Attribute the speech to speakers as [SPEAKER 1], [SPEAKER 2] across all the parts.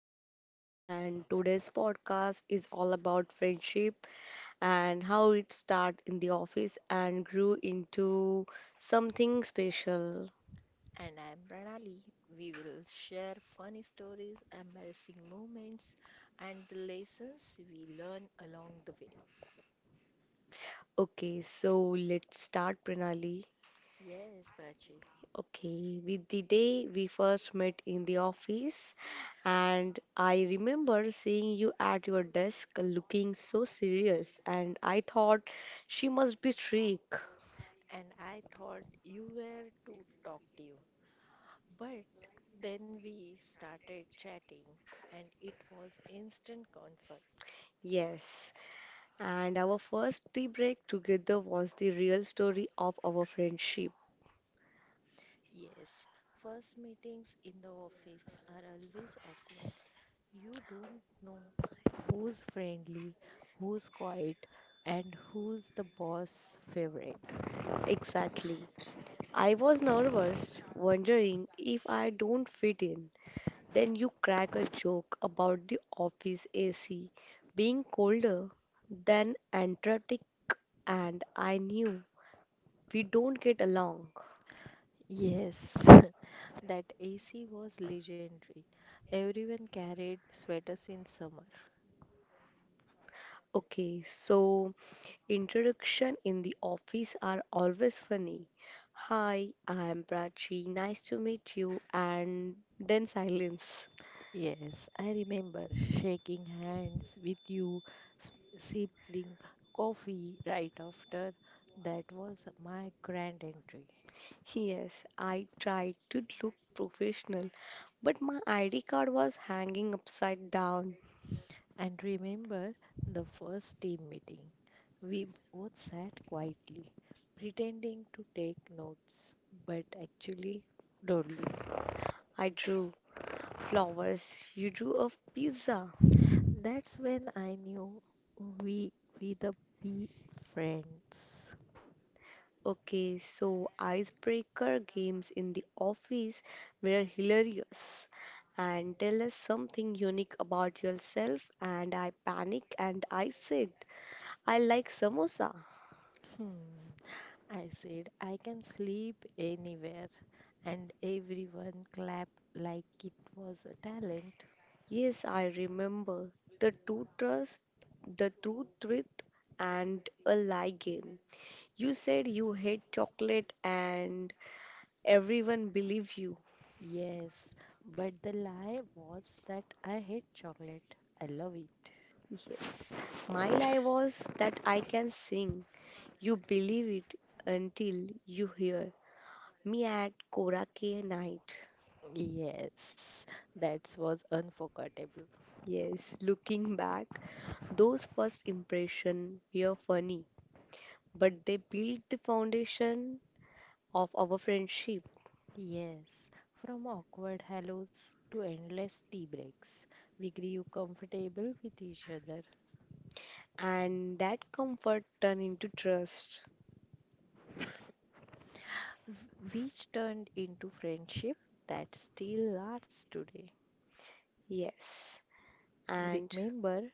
[SPEAKER 1] am Prachi, and today's podcast is all about friendship and how it started in the office and grew into something special.
[SPEAKER 2] And I'm Pranali. We will share funny stories, embarrassing moments, and the lessons we learn along the way.
[SPEAKER 1] Okay, so let's start, Pranali.
[SPEAKER 2] Yes, Prachi.
[SPEAKER 1] Okay, with the day we first met in the office, and I remember seeing you at your desk looking so serious, and I thought she must be strict.
[SPEAKER 2] And I thought you were to talk to you. But then we started chatting, and it was instant comfort.
[SPEAKER 1] Yes, and our first tea break together was the real story of our friendship.
[SPEAKER 2] Yes, first meetings in the office are always awkward. You don't know who's friendly, who's quiet, and who's the boss favorite.
[SPEAKER 1] Exactly. I was nervous, wondering if I don't fit in. Then you crack a joke about the office AC being colder than Antarctic, and I knew we don't get along.
[SPEAKER 2] Yes, that AC was legendary. Everyone carried sweaters in summer.
[SPEAKER 1] Okay, so introduction in the office are always funny. Hi, I am Prachi. Nice to meet you. And then silence.
[SPEAKER 2] Yes, I remember shaking hands with you, s- sipping coffee right after. That was my grand entry.
[SPEAKER 1] Yes, I tried to look professional, but my ID card was hanging upside down.
[SPEAKER 2] And remember the first team meeting. We both sat quietly, pretending to take notes, but actually, dawdling.
[SPEAKER 1] I drew flowers. You drew a pizza.
[SPEAKER 2] That's when I knew we we the be friends.
[SPEAKER 1] Okay, so icebreaker games in the office were hilarious. And tell us something unique about yourself. And I panicked and I said, I like samosa.
[SPEAKER 2] Hmm. I said I can sleep anywhere, and everyone clapped like it was a talent.
[SPEAKER 1] Yes, I remember the two trust, the truth, truth, and a lie game. You said you hate chocolate and everyone believed you.
[SPEAKER 2] Yes, but the lie was that I hate chocolate. I love it.
[SPEAKER 1] Yes, my lie was that I can sing. You believe it until you hear me at Korake night.
[SPEAKER 2] Yes, that was unforgettable.
[SPEAKER 1] Yes, looking back, those first impressions were funny, but they built the foundation of our friendship,
[SPEAKER 2] Yes, from awkward hellos to endless tea breaks, we grew comfortable with each other,
[SPEAKER 1] and that comfort turned into trust.
[SPEAKER 2] which turned into friendship that still lasts today.
[SPEAKER 1] Yes, and
[SPEAKER 2] Remember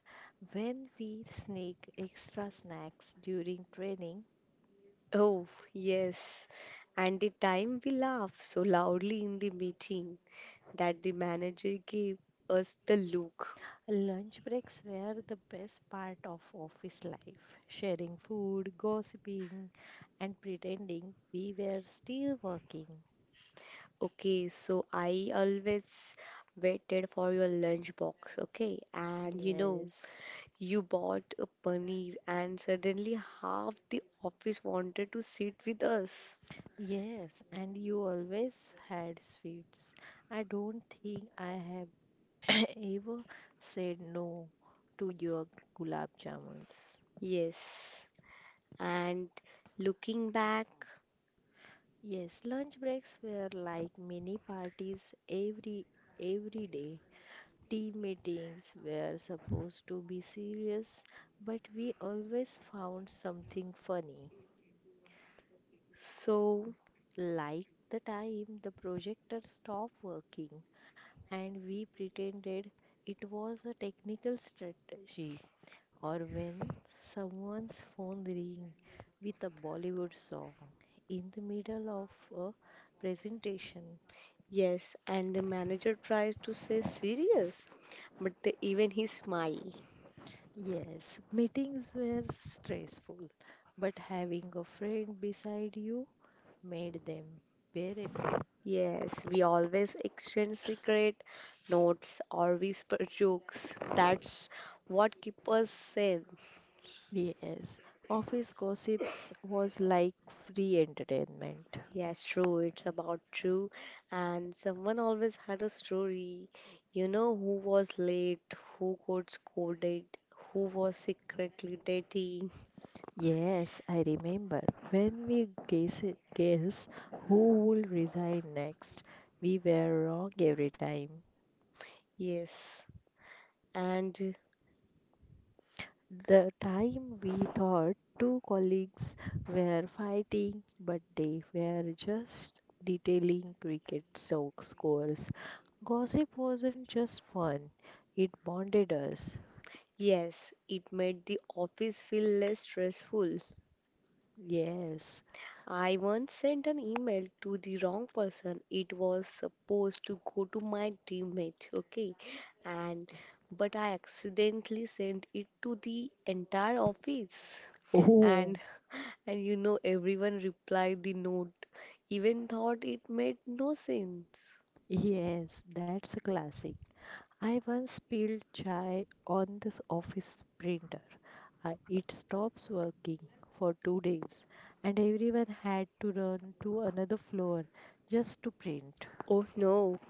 [SPEAKER 2] when we sneak extra snacks during training?
[SPEAKER 1] oh, yes, and the time we laughed so loudly in the meeting that the manager gave us the look.
[SPEAKER 2] Lunch breaks were the best part of office life. Sharing food, gossiping, and pretending we were still working.
[SPEAKER 1] Okay, so I always waited for your lunch box, okay? And you know,
[SPEAKER 2] Yes.
[SPEAKER 1] you bought a paneer and suddenly half the office wanted to sit with us.
[SPEAKER 2] Yes, and you always had sweets. I don't think I have Eva said no to your gulab jamuns.
[SPEAKER 1] Yes. And looking back,
[SPEAKER 2] Yes, lunch breaks were like mini parties every every day. Team meetings were supposed to be serious, but we always found something funny,
[SPEAKER 1] so
[SPEAKER 2] like the time the projector stopped working and we pretended it was a technical strategy, or when someone's phone ring with a Bollywood song in the middle of a presentation.
[SPEAKER 1] yes, and the manager tries to say serious, but the, even he smile.
[SPEAKER 2] Yes, meetings were stressful, but having a friend beside you made them bearable.
[SPEAKER 1] Yes, we always exchange secret notes or whisper jokes. That's what keep us sane.
[SPEAKER 2] Yes, office gossips was like free entertainment.
[SPEAKER 1] Yes, true. It's about true. And someone always had a story. You know who was late, who got scolded, who was secretly dating.
[SPEAKER 2] Yes, I remember when we guess who will resign next. We were wrong every time.
[SPEAKER 1] Yes. And
[SPEAKER 2] The time we thought two colleagues were fighting, but they were just detailing cricket scores. Gossip wasn't just fun, it bonded us.
[SPEAKER 1] yes, it made the office feel less stressful.
[SPEAKER 2] Yes.
[SPEAKER 1] I once sent an email to the wrong person. It was supposed to go to my teammate, okay? And but I accidentally sent it to the entire office.
[SPEAKER 2] Oh,
[SPEAKER 1] And and you know everyone replied the note, even thought it made no sense.
[SPEAKER 2] yes, that's a classic. I once spilled chai on this office printer. I, it stops working for 2 days, and everyone had to run to another floor just to print.
[SPEAKER 1] Oh no,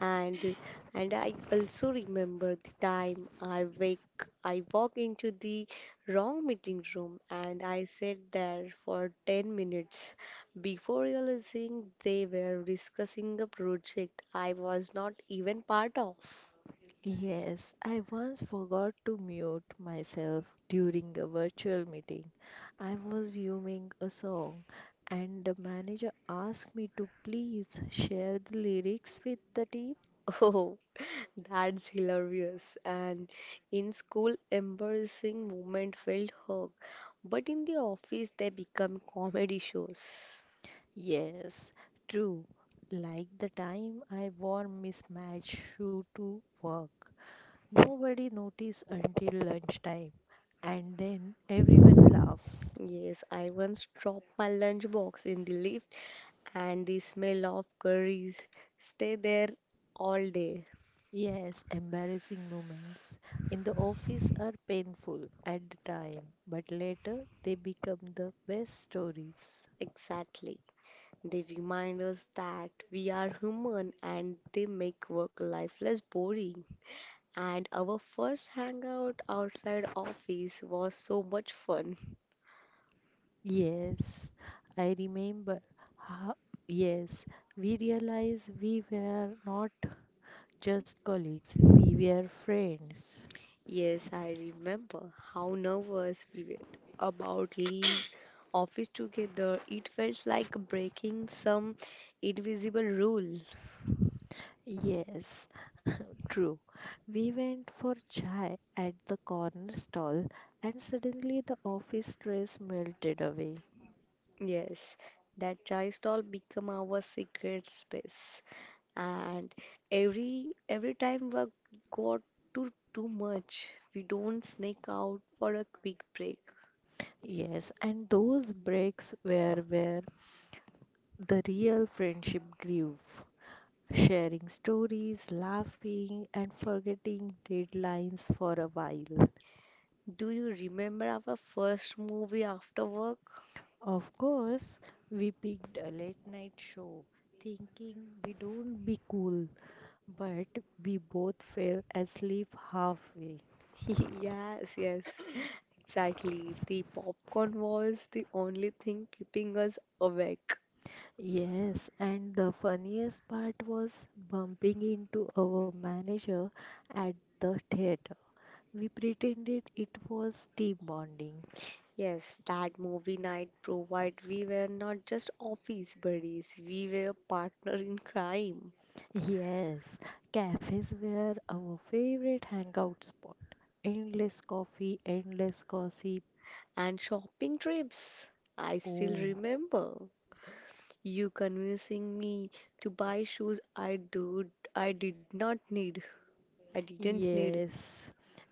[SPEAKER 1] and and I also remember the time I walk into the wrong meeting room and I sat there for 10 minutes before realizing they were discussing a project I was not even part of.
[SPEAKER 2] Yes, I once forgot to mute myself during a virtual meeting. I was humming a song, and the manager asked me to please share the lyrics with the team.
[SPEAKER 1] Oh, that's hilarious. And in school, embarrassing moment felt hug, but in the office, they become comedy shows.
[SPEAKER 2] Yes, true. Like the time I wore mismatched shoe to work. Nobody noticed until lunchtime, and then everyone laughed.
[SPEAKER 1] Yes, I once dropped my lunchbox in the lift, and the smell of curries stay there all day.
[SPEAKER 2] Yes, embarrassing moments in the office are painful at the time, but later they become the best stories.
[SPEAKER 1] Exactly. They remind us that we are human and they make work life less boring. And our first hangout outside office was so much fun.
[SPEAKER 2] Yes, I remember how, yes, we realized we were not just colleagues, we were friends.
[SPEAKER 1] Yes, I remember how nervous we were about leaving office together. It felt like breaking some invisible rule.
[SPEAKER 2] Yes, true. We went for chai at the corner stall, and suddenly the office stress melted away.
[SPEAKER 1] Yes, that chai stall become our secret space. And every time we got to too much, we don't sneak out for a quick break.
[SPEAKER 2] Yes, and those breaks were where the real friendship grew. Sharing stories, laughing, and forgetting deadlines for a while.
[SPEAKER 1] Do you remember our first movie after work?
[SPEAKER 2] Of course, we picked a late night show, thinking we don't be cool, but we both fell asleep halfway.
[SPEAKER 1] Yes, yes, exactly. The popcorn was the only thing keeping us awake.
[SPEAKER 2] Yes, and the funniest part was bumping into our manager at the theater. We pretended it was team bonding.
[SPEAKER 1] Yes, that movie night provide we were not just office buddies, we were partner in crime.
[SPEAKER 2] Yes, cafes were our favorite hangout spot. Endless coffee, endless gossip.
[SPEAKER 1] And shopping trips. I still
[SPEAKER 2] Oh,
[SPEAKER 1] remember you convincing me to buy shoes I did not need. I didn't need.
[SPEAKER 2] yes.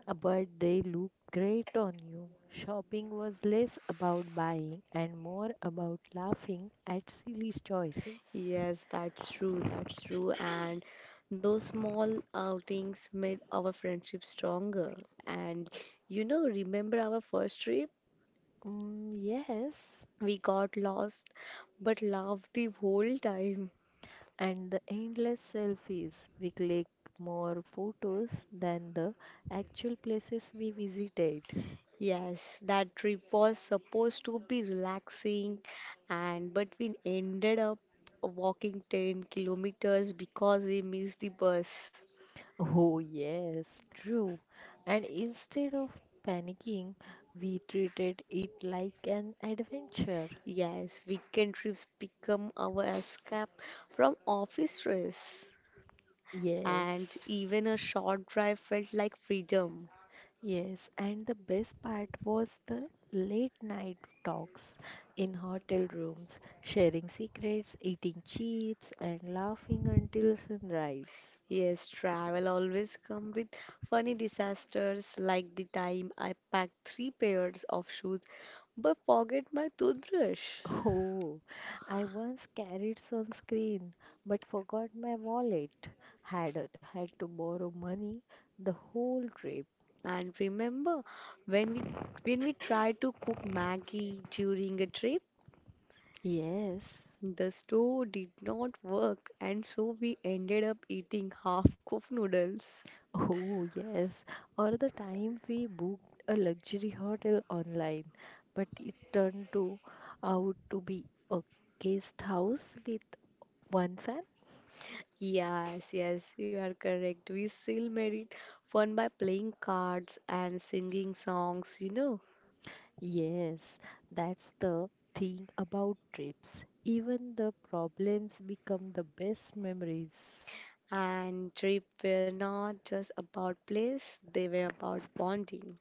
[SPEAKER 2] But they look great on you. Shopping was less about buying and more about laughing at silly choices.
[SPEAKER 1] Yes, that's true, that's true. And those small outings made our friendship stronger. And remember our first trip?
[SPEAKER 2] Mm, yes.
[SPEAKER 1] We got lost but laughed the whole time.
[SPEAKER 2] And the endless selfies. We click more photos than the actual places we visited.
[SPEAKER 1] Yes, that trip was supposed to be relaxing and but we ended up walking 10 kilometers because we missed the bus.
[SPEAKER 2] Oh, yes, true. And instead of panicking, we treated it like an adventure.
[SPEAKER 1] Yes, weekend trips become our escape from office stress, and
[SPEAKER 2] Yes.
[SPEAKER 1] even a short drive felt like freedom.
[SPEAKER 2] Yes, and the best part was the late night talks in hotel rooms, sharing secrets, eating chips, and laughing until sunrise.
[SPEAKER 1] Yes, travel always come with funny disasters like the time I packed three pairs of shoes but forget my toothbrush.
[SPEAKER 2] Oh, I once carried sunscreen but forgot my wallet. Had to borrow money the whole trip.
[SPEAKER 1] And remember, when we when we tried to cook Maggie during a trip,
[SPEAKER 2] Yes.
[SPEAKER 1] the stove did not work, and so we ended up eating half-cooked noodles.
[SPEAKER 2] Oh, yes. Or the time we booked a luxury hotel online, but it turned to out to be a guest house with one fan.
[SPEAKER 1] Yes, yes, you are correct. We still made it fun by playing cards and singing songs.
[SPEAKER 2] Yes, that's the thing about trips. Even the problems become the best memories.
[SPEAKER 1] And trip were not just about place, they were about bonding.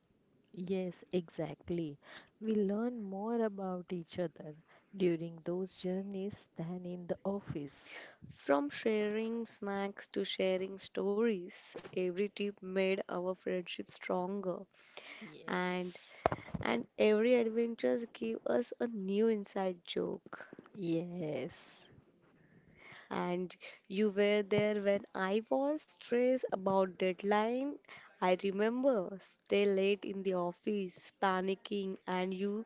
[SPEAKER 2] Yes, exactly. We learn more about each other during those journeys than in the office.
[SPEAKER 1] From sharing snacks to sharing stories, every trip made our friendship stronger, and
[SPEAKER 2] Yes.
[SPEAKER 1] and every adventures gave us a new inside joke.
[SPEAKER 2] Yes.
[SPEAKER 1] And you were there when I was stressed about deadline. I remember stay late in the office, panicking, and you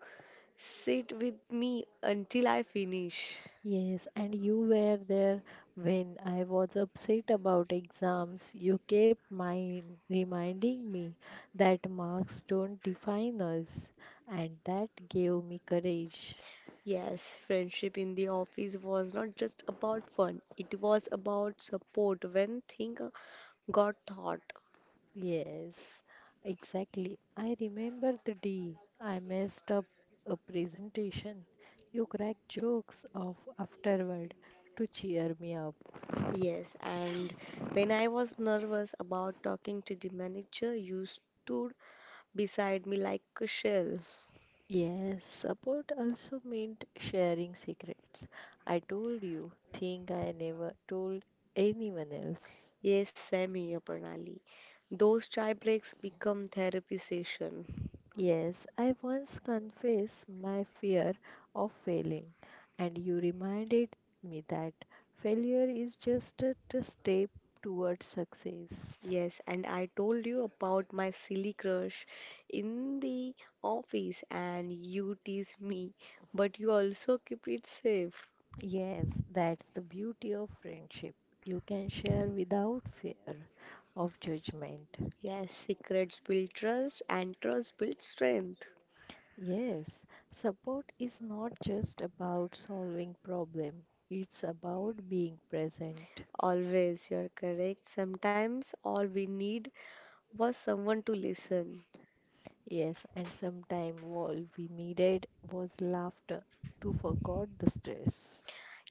[SPEAKER 1] sit with me until I finish.
[SPEAKER 2] Yes, and you were there when I was upset about exams. You kept mind reminding me that marks don't define us, and that gave me courage.
[SPEAKER 1] Yes, friendship in the office was not just about fun, it was about support when things got thought.
[SPEAKER 2] Yes, exactly. I remember the day I messed up a presentation. You cracked jokes of afterward to cheer me up.
[SPEAKER 1] Yes, and when I was nervous about talking to the manager, you stood beside me like a shell.
[SPEAKER 2] Yes, support also meant sharing secrets. I told you, thing I never told anyone else.
[SPEAKER 1] Yes, Sammy Aparnali. Those chai breaks become therapy session.
[SPEAKER 2] Yes, I once confessed my fear of failing, and you reminded me that failure is just a step towards success.
[SPEAKER 1] Yes, and I told you about my silly crush in the office, and you teased me, but you also keep it safe.
[SPEAKER 2] Yes, that's the beauty of friendship. You can share without fear of judgment.
[SPEAKER 1] Yes, secrets build trust, and trust builds strength.
[SPEAKER 2] Yes, support is not just about solving problem, it's about being present.
[SPEAKER 1] Always, you're correct. Sometimes all we need was someone to listen.
[SPEAKER 2] Yes, and sometime all we needed was laughter to forget the stress.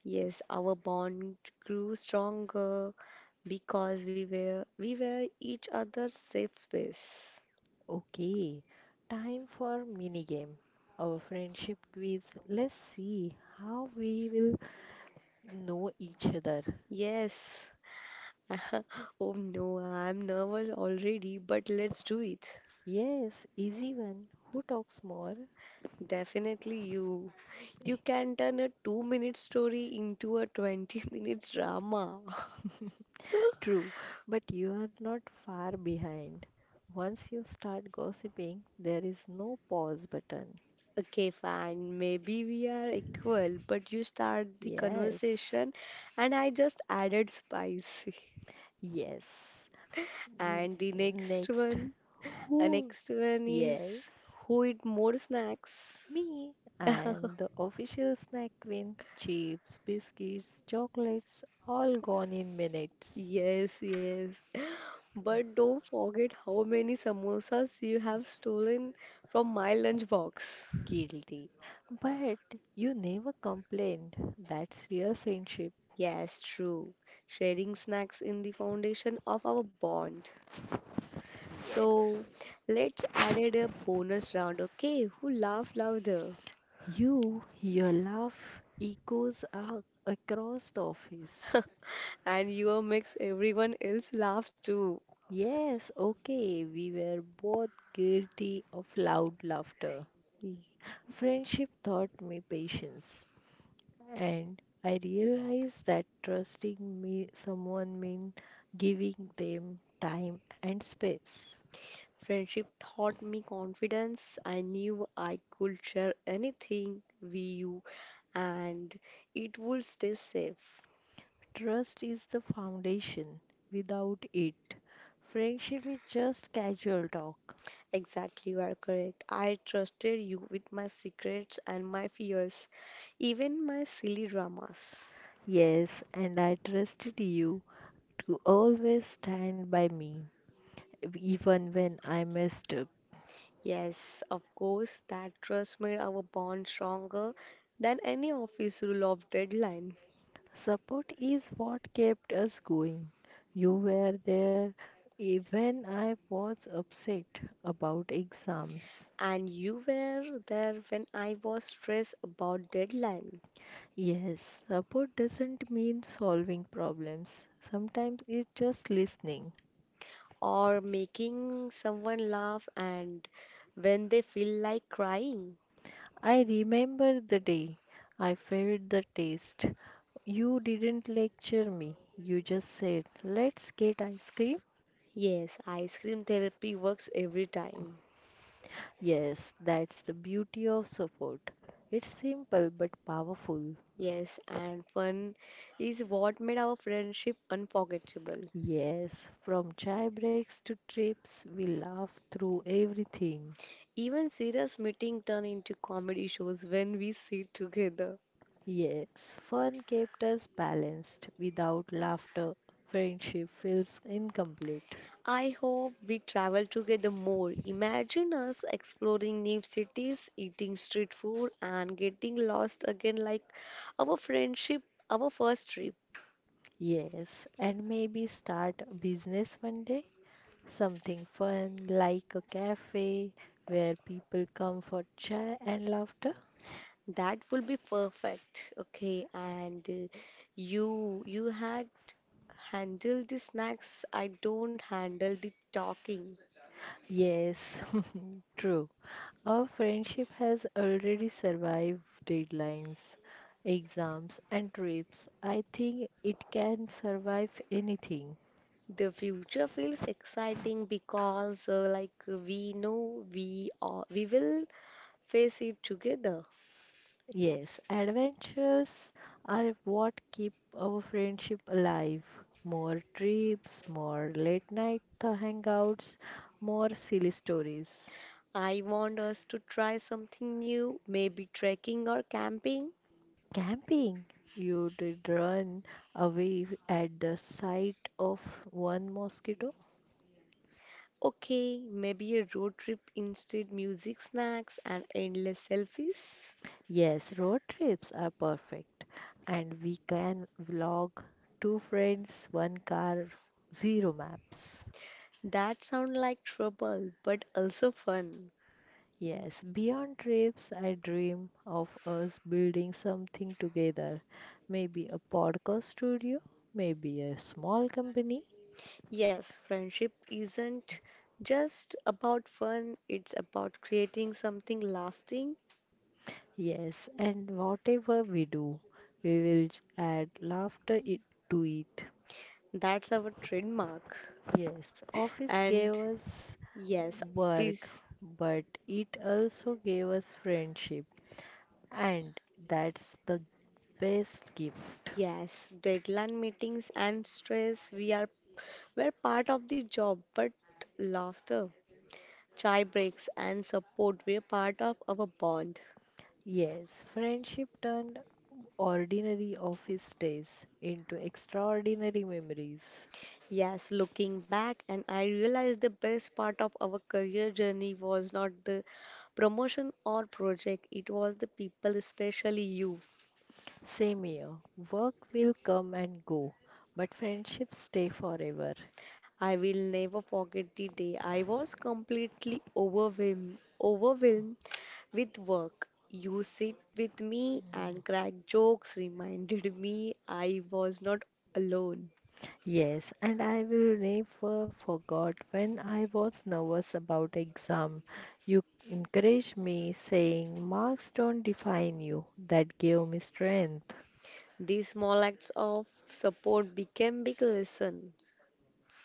[SPEAKER 1] Yes, our bond grew stronger because we were each other's safe space.
[SPEAKER 2] Okay, time for mini game. Our friendship quiz. Let's see how we will know each other.
[SPEAKER 1] Yes. Oh no, I'm nervous already, but let's do it.
[SPEAKER 2] Yes, easy one. Who talks more?
[SPEAKER 1] Definitely you. You can turn a 2 minute story into a 20 minutes drama.
[SPEAKER 2] True, but you are not far behind. Once you start gossiping, there is no pause button.
[SPEAKER 1] Okay, fine. Maybe we are equal, but you start the
[SPEAKER 2] Yes,
[SPEAKER 1] conversation and I just added spicy.
[SPEAKER 2] yes. N-
[SPEAKER 1] And
[SPEAKER 2] Next,
[SPEAKER 1] the
[SPEAKER 2] who?
[SPEAKER 1] next one is
[SPEAKER 2] Yes,
[SPEAKER 1] who eat more snacks?
[SPEAKER 2] me. I am the official snack queen. Chips, biscuits, chocolates, all gone in minutes.
[SPEAKER 1] Yes, yes. But don't forget how many samosas you have stolen from my lunchbox.
[SPEAKER 2] Guilty. But you never complained. That's real friendship.
[SPEAKER 1] Yes, true. Sharing snacks in the foundation of our bond. So
[SPEAKER 2] Yes.
[SPEAKER 1] let's add it a bonus round, okay? Who laugh louder?
[SPEAKER 2] You, your laugh echoes across the office.
[SPEAKER 1] And you makes everyone else laugh too.
[SPEAKER 2] Yes, okay, we were both guilty of loud laughter. Friendship taught me patience, and I realized that trusting me someone means giving them time and space.
[SPEAKER 1] Friendship taught me confidence. I knew I could share anything with you and it would stay safe.
[SPEAKER 2] Trust is the foundation. Without it, friendship is just casual talk.
[SPEAKER 1] Exactly, you are correct. I trusted you with my secrets and my fears, even my silly dramas.
[SPEAKER 2] Yes, and I trusted you to always stand by me, even when I messed up.
[SPEAKER 1] Yes, of course, that trust made our bond stronger than any office rule of deadline.
[SPEAKER 2] Support is what kept us going. You were there even I was upset about exams.
[SPEAKER 1] And you were there when I was stressed about deadline
[SPEAKER 2] Yes, support doesn't mean solving problems. Sometimes it's just listening.
[SPEAKER 1] or making someone laugh and when they feel like crying.
[SPEAKER 2] I remember the day I failed the test. You didn't lecture me. You just said, let's get ice cream.
[SPEAKER 1] Yes, ice cream therapy works every time.
[SPEAKER 2] Yes, that's the beauty of support. It's simple but powerful.
[SPEAKER 1] Yes, and fun is what made our friendship unforgettable.
[SPEAKER 2] Yes, from chai breaks to trips, we laugh through everything.
[SPEAKER 1] Even serious meeting turned into comedy shows when we sit together.
[SPEAKER 2] Yes, fun kept us balanced. Without laughter, friendship feels incomplete.
[SPEAKER 1] I hope we travel together more. Imagine us exploring new cities, eating street food, and getting lost again like our friendship, our first trip.
[SPEAKER 2] Yes, and maybe start a business one day. Something fun like a cafe where people come for chai and laughter.
[SPEAKER 1] That will be perfect. Okay, and you had handle the snacks. I don't handle the talking.
[SPEAKER 2] Yes, true. Our friendship has already survived deadlines, exams, and trips. I think it can survive anything.
[SPEAKER 1] The future feels exciting because, we know we will face it together.
[SPEAKER 2] Yes, adventures are what keep our friendship alive. More trips, more late night hangouts, more silly stories.
[SPEAKER 1] I want us to try something new, maybe trekking or camping.
[SPEAKER 2] Camping. You did run away at the sight of one mosquito.
[SPEAKER 1] Okay, maybe a road trip instead, music snacks and endless selfies.
[SPEAKER 2] Yes, road trips are perfect. And we can vlog two friends, one car, zero maps.
[SPEAKER 1] That sound like trouble, but also fun.
[SPEAKER 2] Yes, beyond trips, I dream of us building something together. Maybe a podcast studio, maybe a small company.
[SPEAKER 1] Yes, friendship isn't just about fun, it's about creating something lasting.
[SPEAKER 2] Yes, and whatever we do, we will add laughter to it.
[SPEAKER 1] That's our trademark.
[SPEAKER 2] Yes, office gave
[SPEAKER 1] And
[SPEAKER 2] us
[SPEAKER 1] yes,
[SPEAKER 2] work,
[SPEAKER 1] please,
[SPEAKER 2] but it also gave us friendship, and that's the best gift.
[SPEAKER 1] yes, deadline meetings and stress, we're part of the job, but laughter, chai breaks and support, we're part of our bond.
[SPEAKER 2] Yes, friendship turned ordinary office days into extraordinary memories.
[SPEAKER 1] Yes, looking back, and I realized the best part of our career journey was not the promotion or project, it was the people, especially you.
[SPEAKER 2] Same here, work will come and go, but friendships stay forever.
[SPEAKER 1] I will never forget the day I was completely overwhelmed, overwhelmed with work. You sit with me and crack jokes reminded me I was not alone.
[SPEAKER 2] Yes, and I will never forget when I was nervous about exam. You encouraged me saying marks don't define you. That gave me strength.
[SPEAKER 1] These small acts of support became big lesson,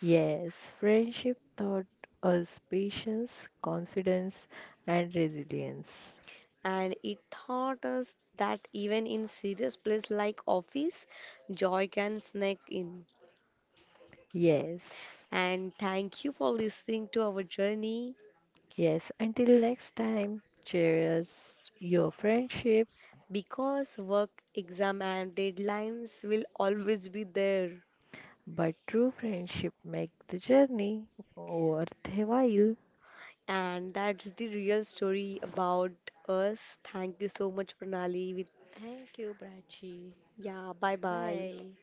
[SPEAKER 2] Yes, friendship taught us patience, confidence, and resilience.
[SPEAKER 1] and it taught us that even in serious place like office, joy can sneak in.
[SPEAKER 2] Yes,
[SPEAKER 1] And thank you for listening to our journey
[SPEAKER 2] yes. Until next time, cherish your friendship,
[SPEAKER 1] because work, exam and deadlines will always be there.
[SPEAKER 2] but true friendship make the journey worth a while.
[SPEAKER 1] And that's the real story about us. Thank you so much, Pranali.
[SPEAKER 2] Thank you, Prachi.
[SPEAKER 1] Bye bye.
[SPEAKER 2] Bye.